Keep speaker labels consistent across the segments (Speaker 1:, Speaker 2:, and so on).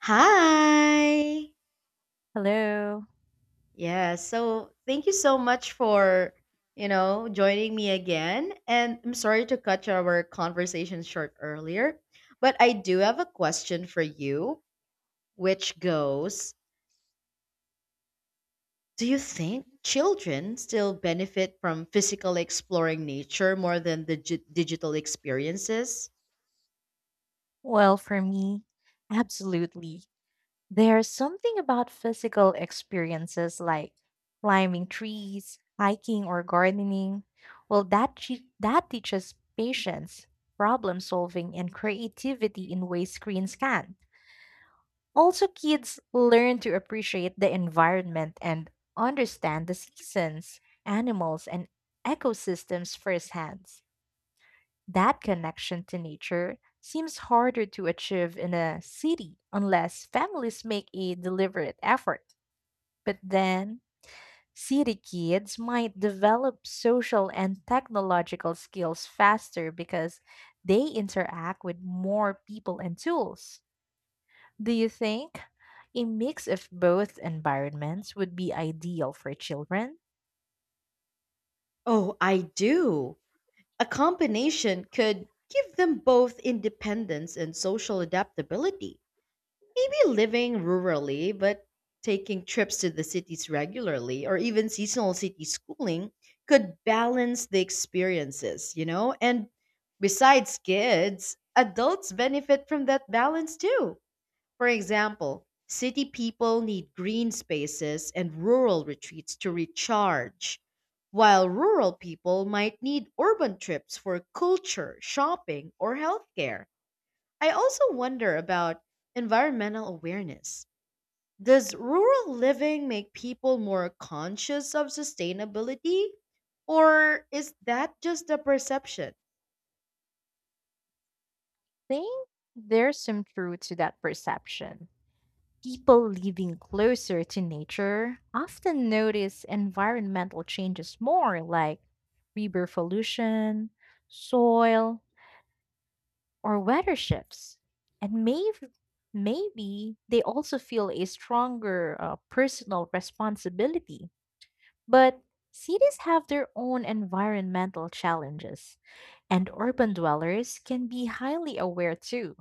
Speaker 1: Hi.
Speaker 2: Hello.
Speaker 1: Yeah, so thank you so much for, joining me again. And I'm sorry to cut our conversation short earlier, but I do have a question for you, which goes, do you think children still benefit from physically exploring nature more than the digital experiences?
Speaker 2: Well, for me, absolutely. There's something about physical experiences like climbing trees, hiking, or gardening. Well, that teaches patience, problem solving, and creativity in ways screens can. Also, kids learn to appreciate the environment and understand the seasons, animals, and ecosystems firsthand. That connection to nature seems harder to achieve in a city unless families make a deliberate effort. But then, city kids might develop social and technological skills faster because they interact with more people and tools. Do you think a mix of both environments would be ideal for children?
Speaker 1: Oh, I do. A combination could give them both independence and social adaptability. Maybe living rurally, but taking trips to the cities regularly or even seasonal city schooling could balance the experiences. And besides kids, adults benefit from that balance too. For example, city people need green spaces and rural retreats to recharge, while rural people might need urban trips for culture, shopping, or healthcare. I also wonder about environmental awareness. Does rural living make people more conscious of sustainability? Or is that just a perception?
Speaker 2: Think there's some truth to that perception. People living closer to nature often notice environmental changes more, like river pollution, soil, or weather shifts. And maybe they also feel a stronger personal responsibility, but cities have their own environmental challenges, and urban dwellers can be highly aware too,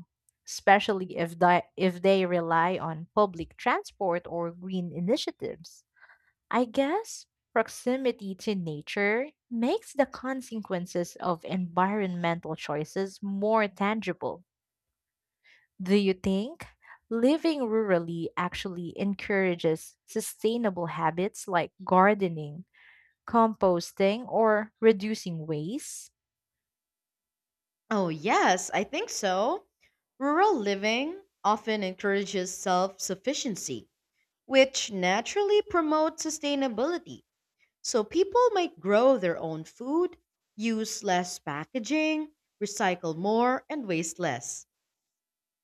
Speaker 2: especially if they rely on public transport or green initiatives. I guess proximity to nature makes the consequences of environmental choices more tangible. Do you think living rurally actually encourages sustainable habits like gardening, composting, or reducing waste?
Speaker 1: Oh, yes, I think so. Rural living often encourages self sufficiency, which naturally promotes sustainability. So people might grow their own food, use less packaging, recycle more, and waste less.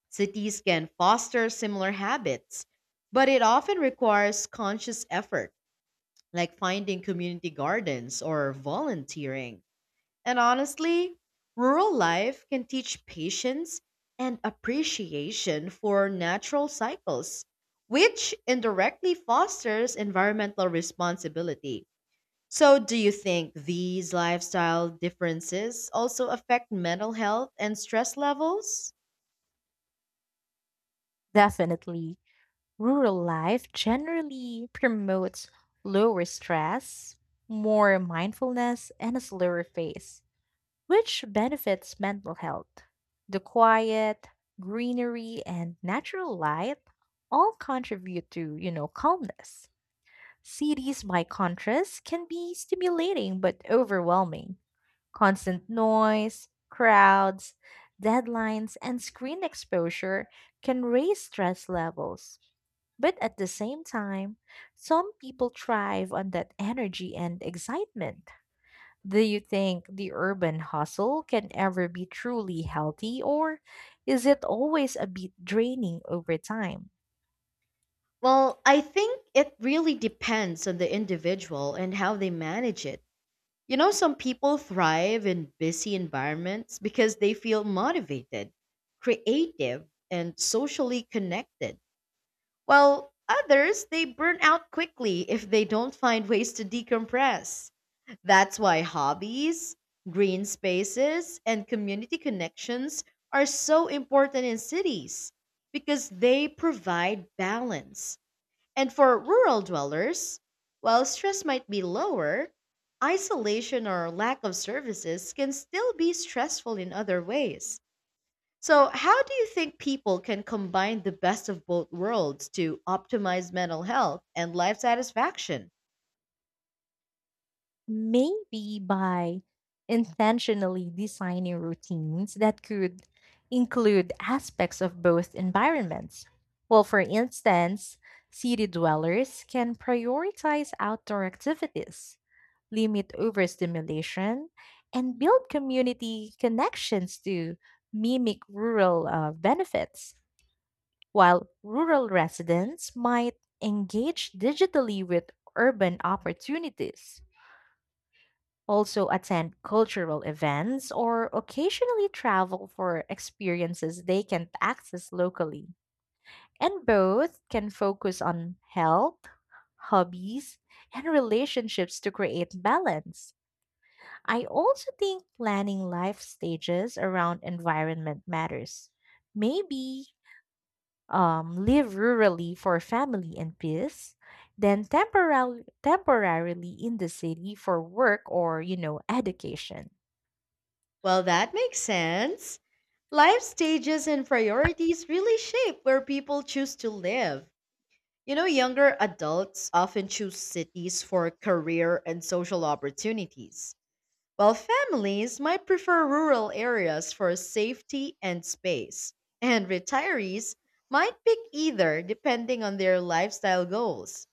Speaker 1: Cities can foster similar habits, but it often requires conscious effort, like finding community gardens or volunteering. And honestly, rural life can teach patience and appreciation for natural cycles, which indirectly fosters environmental responsibility. So, do you think these lifestyle differences also affect mental health and stress levels?
Speaker 2: Definitely, rural life generally promotes lower stress, more mindfulness, and a slower pace, which benefits mental health. The quiet, greenery, and natural light all contribute to, calmness. Cities, by contrast, can be stimulating but overwhelming. Constant noise, crowds, deadlines, and screen exposure can raise stress levels. But at the same time, some people thrive on that energy and excitement. Do you think the urban hustle can ever be truly healthy, or is it always a bit draining over time?
Speaker 1: Well, I think it really depends on the individual and how they manage it. You know, some people thrive in busy environments because they feel motivated, creative, and socially connected, while others they burn out quickly if they don't find ways to decompress. That's why hobbies, green spaces, and community connections are so important in cities because they provide balance, and for rural dwellers, while stress might be lower, isolation or lack of services can still be stressful in other ways. So, how do you think people can combine the best of both worlds to optimize mental health and life satisfaction?
Speaker 2: Maybe by intentionally designing routines that could include aspects of both environments. Well, for instance, city dwellers can prioritize outdoor activities, limit overstimulation, and build community connections to mimic rural benefits, while rural residents might engage digitally with urban opportunities, also attend cultural events, or occasionally travel for experiences they can't access locally. And both can focus on health, hobbies, and relationships to create balance. I also think planning life stages around environment matters. Maybe live rurally for family and peace, then temporarily in the city for work or education.
Speaker 1: Well, that makes sense. Life stages and priorities really shape where people choose to live. You know, younger adults often choose cities for career and social opportunities, while families might prefer rural areas for safety and space, and retirees might pick either depending on their lifestyle goals.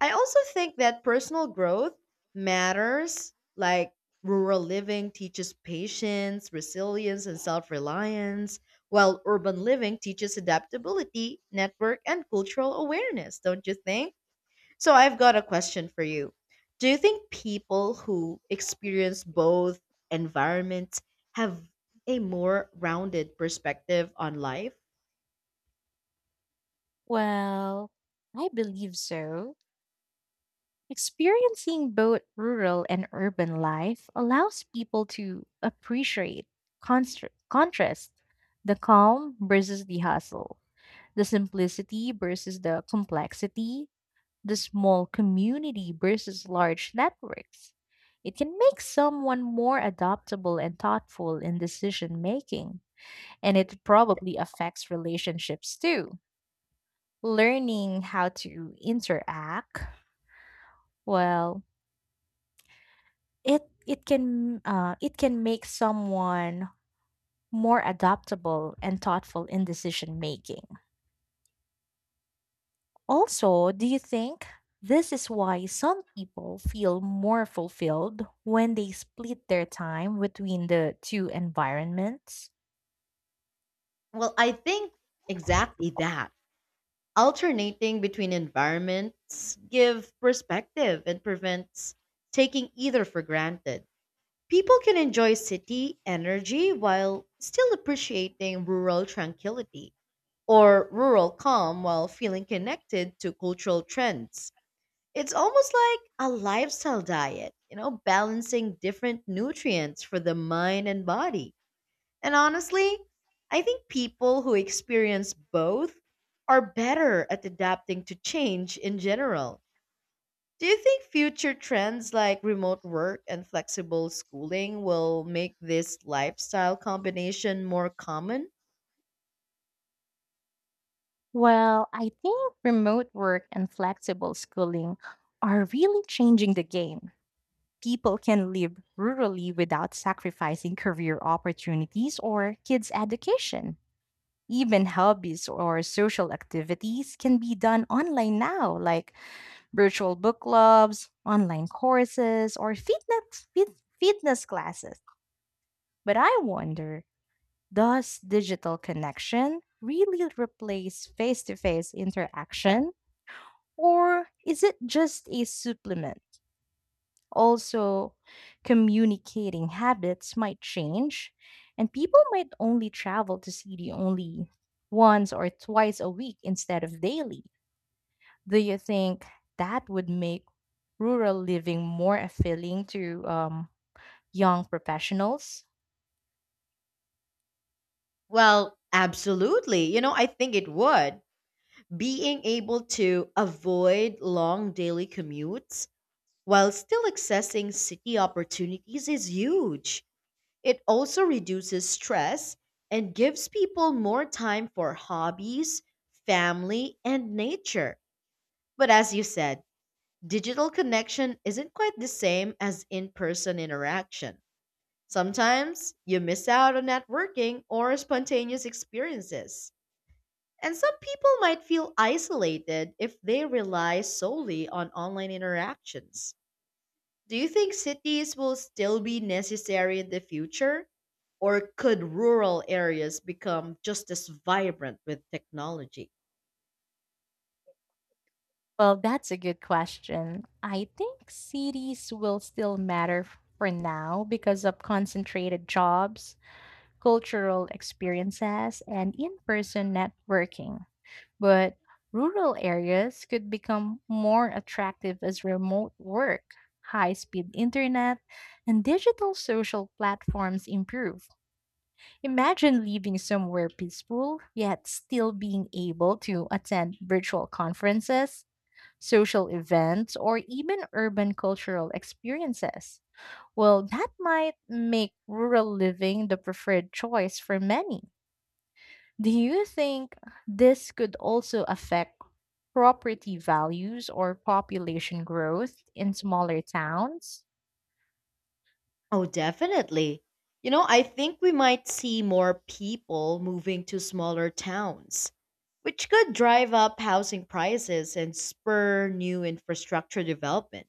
Speaker 1: I also think that personal growth matters, like rural living teaches patience, resilience, and self reliance, while urban living teaches adaptability, network, and cultural awareness, don't you think? So I've got a question for you. Do you think people who experience both environments have a more rounded perspective on life?
Speaker 2: Well, I believe so. Experiencing both rural and urban life allows people to appreciate, contrast the calm versus the hustle, the simplicity versus the complexity, the small community versus large networks. It can make someone more adaptable and thoughtful in decision making, and it probably affects relationships too, learning how to interact well. It can it can make someone more adaptable and thoughtful in decision making. Also, do you think this is why some people feel more fulfilled when they split their time between the two environments?
Speaker 1: Well, I think exactly that. Alternating between environments give perspective and prevents taking either for granted. People can enjoy city energy while still appreciating rural tranquility or rural calm while feeling connected to cultural trends. It's almost like a lifestyle diet, balancing different nutrients for the mind and body. And honestly, I think people who experience both are better at adapting to change in general. Do you think future trends like remote work and flexible schooling will make this lifestyle combination more common?
Speaker 2: Well, I think remote work and flexible schooling are really changing the game. People can live rurally without sacrificing career opportunities or kids' education. Even hobbies or social activities can be done online now, like virtual book clubs, online courses, or fitness classes. But I wonder, does digital connection really replace face to face interaction, or is it just a supplement? Also, communicating habits might change, and people might only travel to see the only once or twice a week instead of daily. Do you think that would make rural living more appealing to young professionals?
Speaker 1: Well, absolutely. You know, I think it would. Being able to avoid long daily commutes while still accessing city opportunities is huge. It also reduces stress and gives people more time for hobbies, family, and nature. But as you said, digital connection isn't quite the same as in person interaction. Sometimes you miss out on networking or spontaneous experiences. And some people might feel isolated if they rely solely on online interactions. Do you think cities will still be necessary in the future? Or could rural areas become just as vibrant with technology?
Speaker 2: Well, that's a good question. I think cities will still matter for now because of concentrated jobs, cultural experiences, and in person networking. But rural areas could become more attractive as remote work, high speed internet, and digital social platforms improve. Imagine living somewhere peaceful, yet still being able to attend virtual conferences, social events, or even urban cultural experiences. Well, that might make rural living the preferred choice for many. Do you think this could also affect property values or population growth in smaller towns?
Speaker 1: Oh, definitely. You know, I think we might see more people moving to smaller towns, which could drive up housing prices and spur new infrastructure development.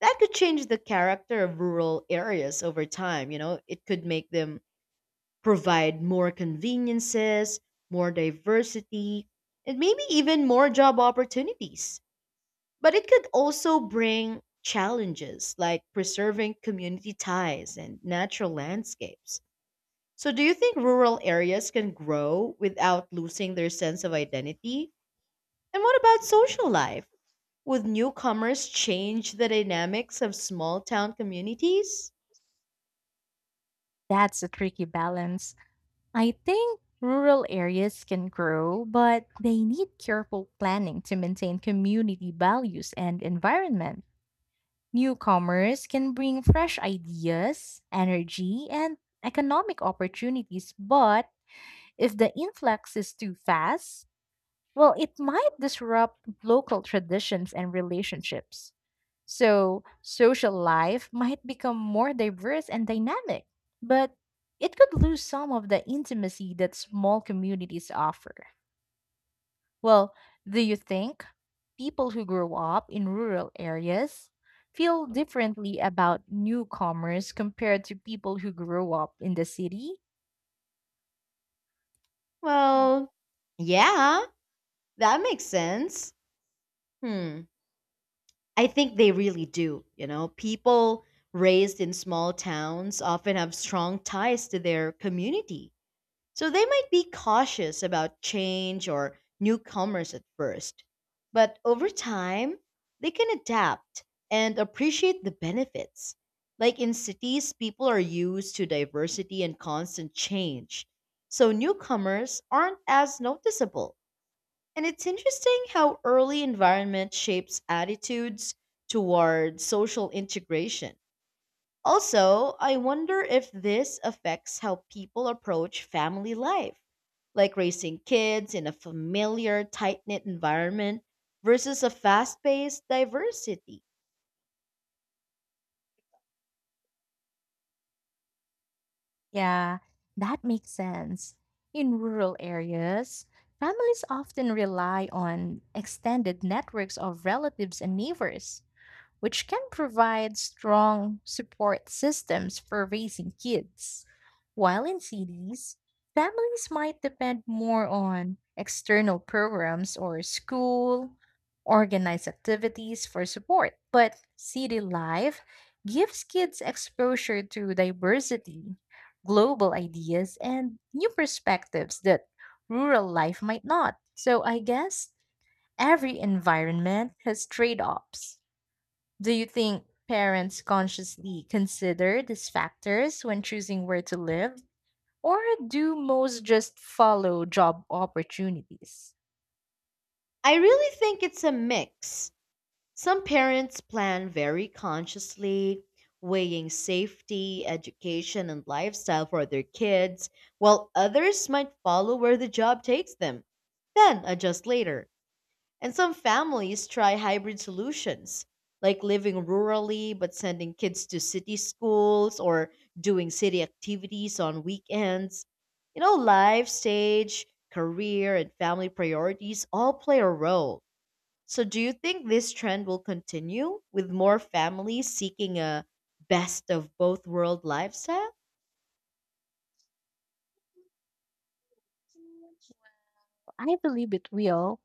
Speaker 1: That could change the character of rural areas over time. You know, it could make them provide more conveniences, more diversity, and maybe even more job opportunities. But it could also bring challenges like preserving community ties and natural landscapes. So, do you think rural areas can grow without losing their sense of identity? And what about social life? Would newcomers change the dynamics of small town communities?
Speaker 2: That's a tricky balance. I think rural areas can grow, but they need careful planning to maintain community values and environment. Newcomers can bring fresh ideas, energy, and economic opportunities, but if the influx is too fast, well, it might disrupt local traditions and relationships. So, social life might become more diverse and dynamic, but it could lose some of the intimacy that small communities offer. Well, do you think people who grow up in rural areas feel differently about newcomers compared to people who grow up in the city?
Speaker 1: Well, yeah, that makes sense. Hmm. I think they really do. You know, people raised in small towns often have strong ties to their community. So they might be cautious about change or newcomers at first. But over time, they can adapt and appreciate the benefits. Like in cities, people are used to diversity and constant change. So newcomers aren't as noticeable. And it's interesting how early environment shapes attitudes toward social integration. Also, I wonder if this affects how people approach family life, like raising kids in a familiar, tight knit environment versus a fast paced diversity.
Speaker 2: Yeah, that makes sense. In rural areas, families often rely on extended networks of relatives and neighbors, which can provide strong support systems for raising kids. While in cities, families might depend more on external programs or school organized activities for support, but city life gives kids exposure to diversity, global ideas, and new perspectives that rural life might not. So I guess every environment has trade offs. Do you think parents consciously consider these factors when choosing where to live, or do most just follow job opportunities?
Speaker 1: I really think it's a mix. Some parents plan very consciously, weighing safety, education, and lifestyle for their kids, while others might follow where the job takes them, then adjust later. And some families try hybrid solutions, like living rurally but sending kids to city schools or doing city activities on weekends. You know, life stage, career, and family priorities all play a role. So, do you think this trend will continue with more families seeking a best of both world lifestyle?
Speaker 2: I believe it will.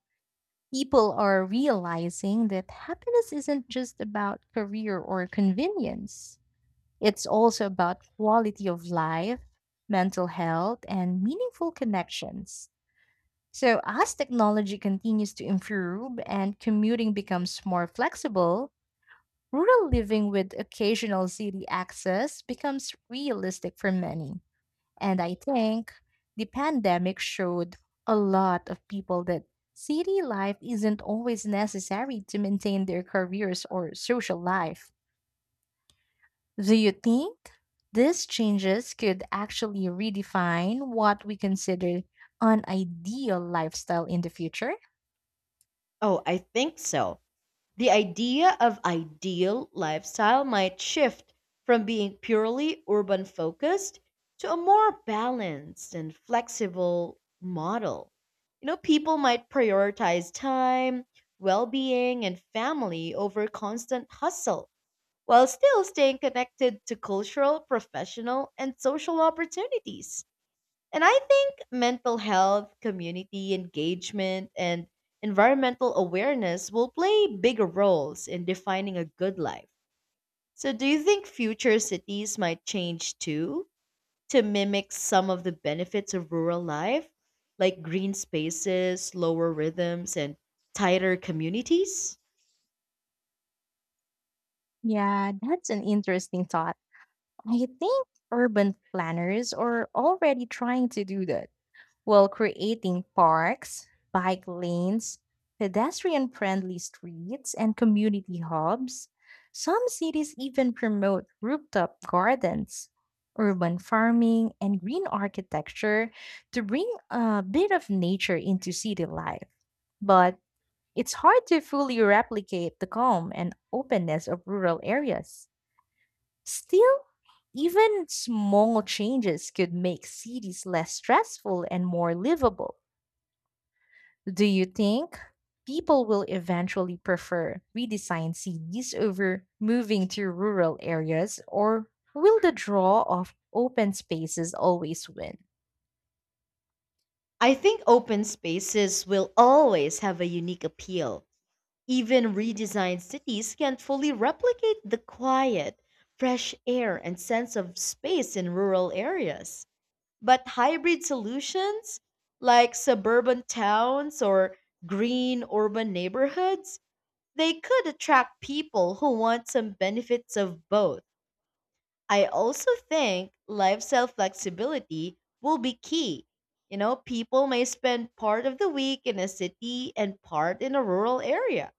Speaker 2: People are realizing that happiness isn't just about career or convenience. It's also about quality of life, mental health, and meaningful connections. So, as technology continues to improve and commuting becomes more flexible, rural living with occasional city access becomes realistic for many. And I think the pandemic showed a lot of people that city life isn't always necessary to maintain their careers or social life. Do you think these changes could actually redefine what we consider an ideal lifestyle in the future?
Speaker 1: Oh, I think so. The idea of ideal lifestyle might shift from being purely urban focused to a more balanced and flexible model. You know, people might prioritize time, well being, and family over constant hustle while still staying connected to cultural, professional, and social opportunities. And I think mental health, community engagement, and environmental awareness will play bigger roles in defining a good life. So, do you think future cities might change too to mimic some of the benefits of rural life, like green spaces, lower rhythms, and tighter communities?
Speaker 2: Yeah, that's an interesting thought. I think urban planners are already trying to do that, while creating parks, bike lanes, pedestrian friendly streets, and community hubs. Some cities even promote rooftop gardens, urban farming, and green architecture to bring a bit of nature into city life. But it's hard to fully replicate the calm and openness of rural areas. Still, even small changes could make cities less stressful and more livable. Do you think people will eventually prefer redesigned cities over moving to rural areas, or will the draw of open spaces always win?
Speaker 1: I think open spaces will always have a unique appeal. Even redesigned cities can't fully replicate the quiet, fresh air, and sense of space in rural areas. But hybrid solutions, like suburban towns or green urban neighborhoods, they could attract people who want some benefits of both. I also think lifestyle flexibility will be key. You know, people may spend part of the week in a city and part in a rural area.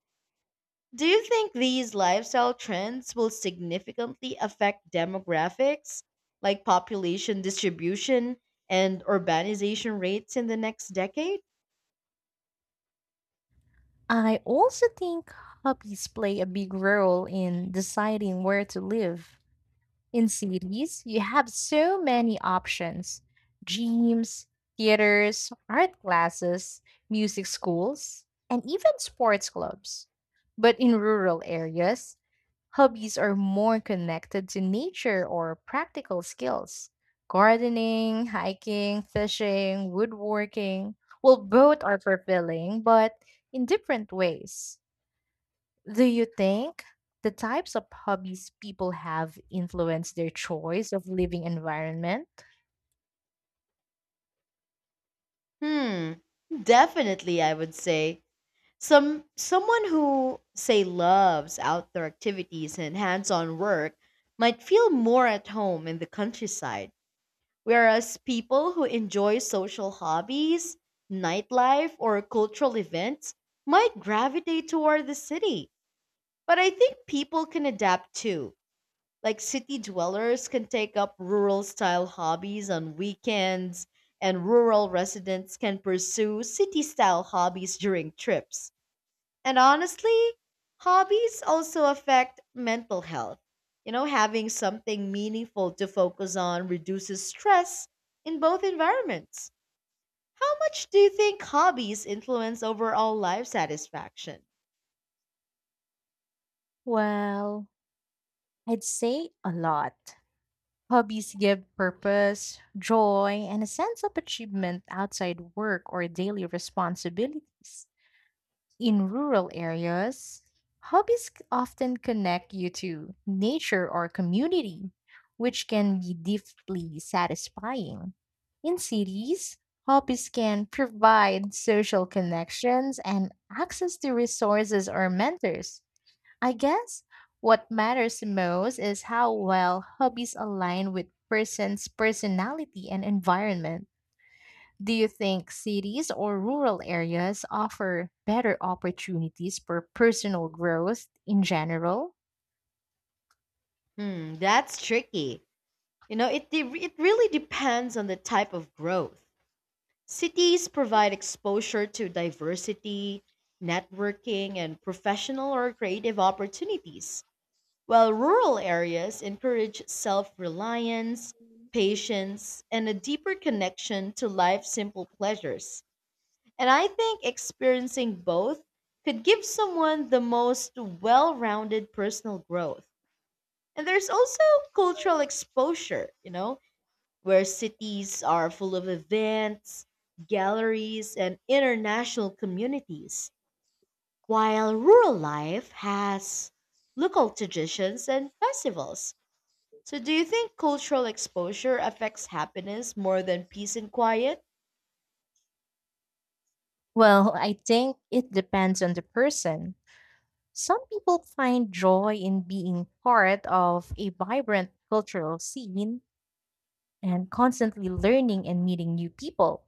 Speaker 1: Do you think these lifestyle trends will significantly affect demographics, like population distribution and urbanization rates in the next decade?
Speaker 2: I also think hobbies play a big role in deciding where to live. In cities, you have so many options: gyms, theaters, art classes, music schools, and even sports clubs. But in rural areas, hobbies are more connected to nature or practical skills. Gardening, hiking, fishing, woodworking. Well, both are fulfilling, but in different ways. Do you think the types of hobbies people have influence their choice of living environment?
Speaker 1: Hmm, definitely, I would say. Someone who say loves outdoor activities and hands-on work might feel more at home in the countryside, whereas people who enjoy social hobbies, nightlife, or cultural events might gravitate toward the city. But I think people can adapt too. Like city dwellers can take up rural style hobbies on weekends, and rural residents can pursue city style hobbies during trips. And honestly, hobbies also affect mental health. You know, having something meaningful to focus on reduces stress in both environments. How much do you think hobbies influence overall life satisfaction?
Speaker 2: Well, I'd say a lot. Hobbies give purpose, joy, and a sense of achievement outside work or daily responsibilities. In rural areas, often connect you to nature or community, which can be deeply satisfying. In cities, hobbies can provide social connections and access to resources or mentors. I guess what matters most is how well hobbies align with person's personality and environment. Do you think cities or rural areas offer better opportunities for personal growth in general?
Speaker 1: Hmm, that's tricky. You know, it really depends on the type of growth. Cities provide exposure to diversity, networking, and professional or creative opportunities, while rural areas encourage self reliance, patience, and a deeper connection to life's simple pleasures. And I think experiencing both could give someone the most well rounded personal growth. And there's also cultural exposure, you know, where cities are full of events, galleries, and international communities, while rural life has local traditions and festivals. So, do you think cultural exposure affects happiness more than peace and quiet?
Speaker 2: Well, I think it depends on the person. Some people find joy in being part of a vibrant cultural scene and constantly learning and meeting new people.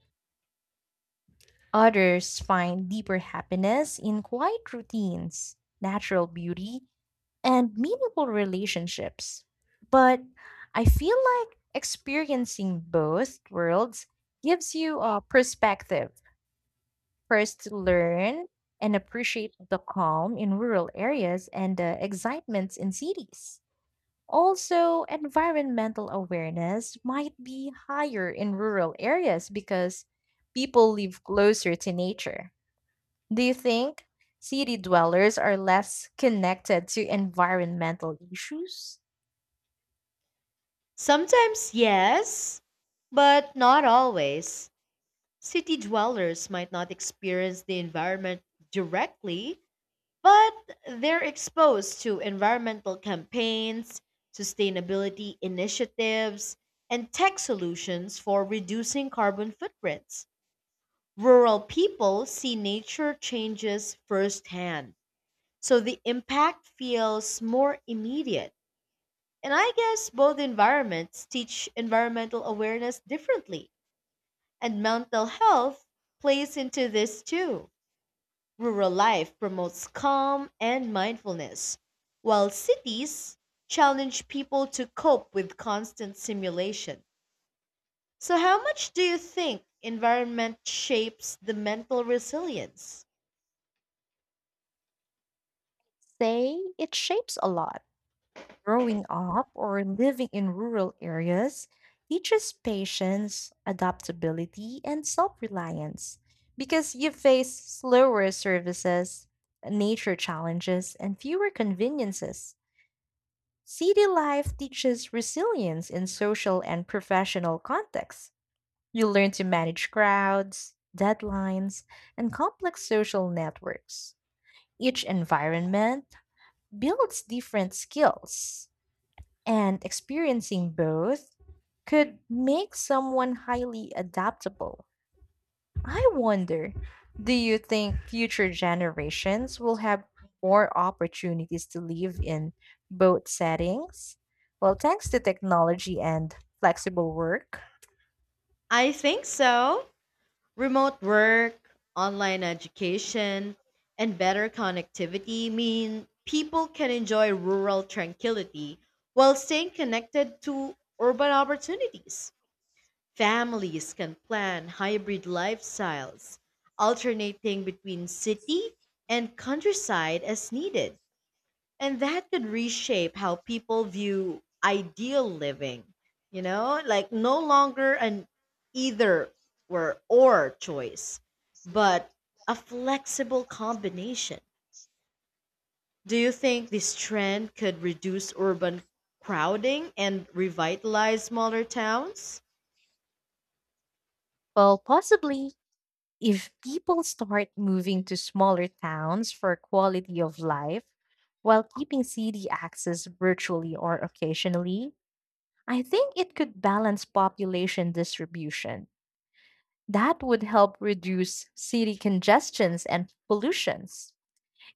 Speaker 2: Others find deeper happiness in quiet routines, natural beauty, and meaningful relationships. But I feel like experiencing both worlds gives you a perspective. First, to learn and appreciate the calm in rural areas and the excitements in cities. Also, environmental awareness might be higher in rural areas because people live closer to nature. Do you think city dwellers are less connected to environmental issues?
Speaker 1: Sometimes, yes, but not always. City dwellers might not experience the environment directly, but they're exposed to environmental campaigns, sustainability initiatives, and tech solutions for reducing carbon footprints. Rural people see nature changes firsthand, so the impact feels more immediate. And I guess both environments teach environmental awareness differently. And mental health plays into this too. Rural life promotes calm and mindfulness, while cities challenge people to cope with constant simulation. So, how much do you think environment shapes the mental resilience?
Speaker 2: Say it shapes a lot. Growing up or living in rural areas teaches patience, adaptability, and self reliance because you face slower services, nature challenges, and fewer conveniences. City life teaches resilience in social and professional contexts. You learn to manage crowds, deadlines, and complex social networks. Each environment builds different skills, and experiencing both could make someone highly adaptable. I wonder, do you think future generations will have more opportunities to live in both settings? Well, thanks to technology and flexible work?
Speaker 1: I think so. Remote work, online education, and better connectivity mean people can enjoy rural tranquility while staying connected to urban opportunities. Families can plan hybrid lifestyles, alternating between city and countryside as needed, and that could reshape how people view ideal living, like no longer an either or choice, but a flexible combination. Do you think this trend could reduce urban crowding and revitalize smaller towns?
Speaker 2: Well, possibly. If people start moving to smaller towns for quality of life while keeping city access virtually or occasionally, I think it could balance population distribution. That would help reduce city congestions and pollutions.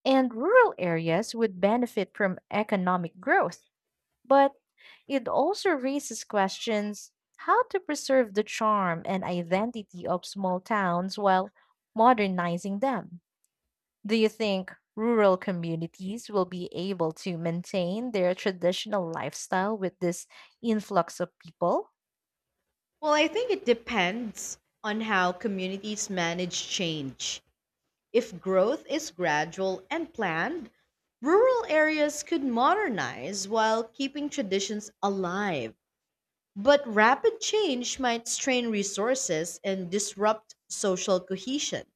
Speaker 2: And rural areas would benefit from economic growth. But it also raises questions, how to preserve the charm and identity of small towns while modernizing them. Do you think rural communities will be able to maintain their traditional lifestyle with this influx of people?
Speaker 1: Well, I think it depends on how communities manage change. If growth is gradual and planned, rural areas could modernize while keeping traditions alive. But rapid change might strain resources and disrupt social cohesion.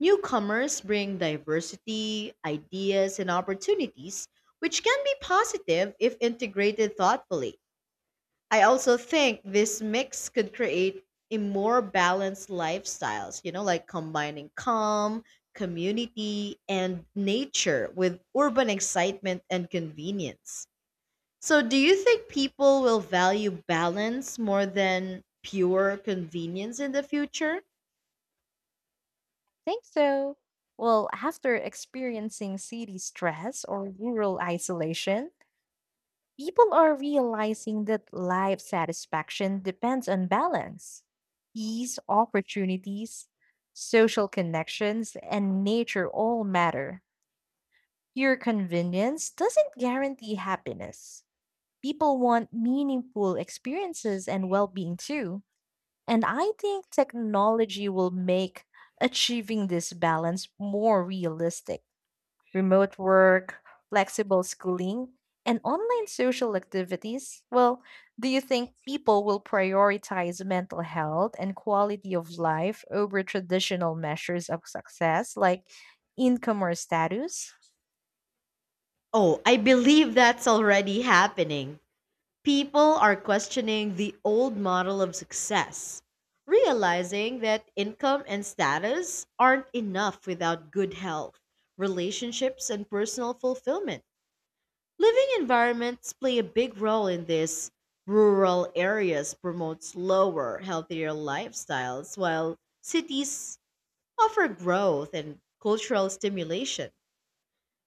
Speaker 1: Newcomers bring diversity, ideas, and opportunities, which can be positive if integrated thoughtfully. I also think this mix could create a more balanced lifestyles, you know, like combining calm, community, and nature with urban excitement and convenience. So, do you think people will value balance more than pure convenience in the future?
Speaker 2: Think so. Well, after experiencing city stress or rural isolation, people are realizing that life satisfaction depends on balance, these opportunities, social connections, and nature all matter. Your convenience doesn't guarantee happiness. People want meaningful experiences and well being too. And I think technology will make achieving this balance more realistic. Remote work, flexible schooling, and online social activities. Well, do you think people will prioritize mental health and quality of life over traditional measures of success like income or status?
Speaker 1: Oh, I believe that's already happening. People are questioning the old model of success, realizing that income and status aren't enough without good health, relationships, and personal fulfillment. Living environments play a big role in this. Rural areas promote slower, healthier lifestyles, while cities offer growth and cultural stimulation.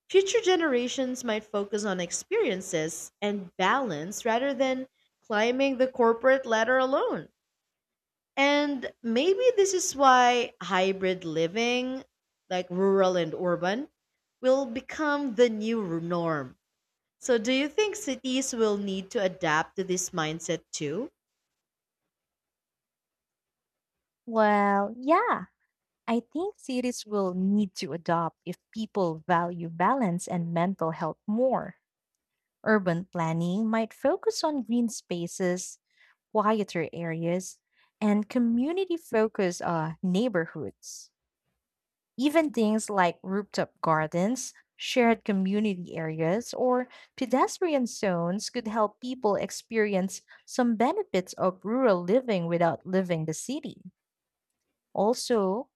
Speaker 1: Future generations might focus on experiences and balance rather than climbing the corporate ladder alone. And maybe this is why hybrid living, like rural and urban, will become the new norm. So, do you think cities will need to adapt to this mindset too?
Speaker 2: Well, yeah. I think cities will need to adopt if people value balance and mental health more. Urban planning might focus on green spaces, quieter areas, and community focused neighborhoods. Even things like rooftop gardens, shared community areas, or pedestrian zones could help people experience some benefits of rural living without leaving the city. Also,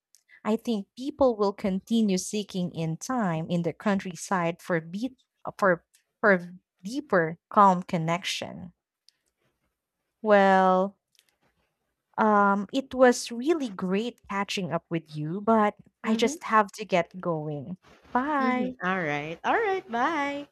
Speaker 2: I think people will continue seeking in time in the countryside for beat for for deeper calm connection. Well, it was really great catching up with you, but I
Speaker 1: Mm-hmm.
Speaker 2: just have to get going. Bye.
Speaker 1: Mm-hmm. All right. All right. Bye.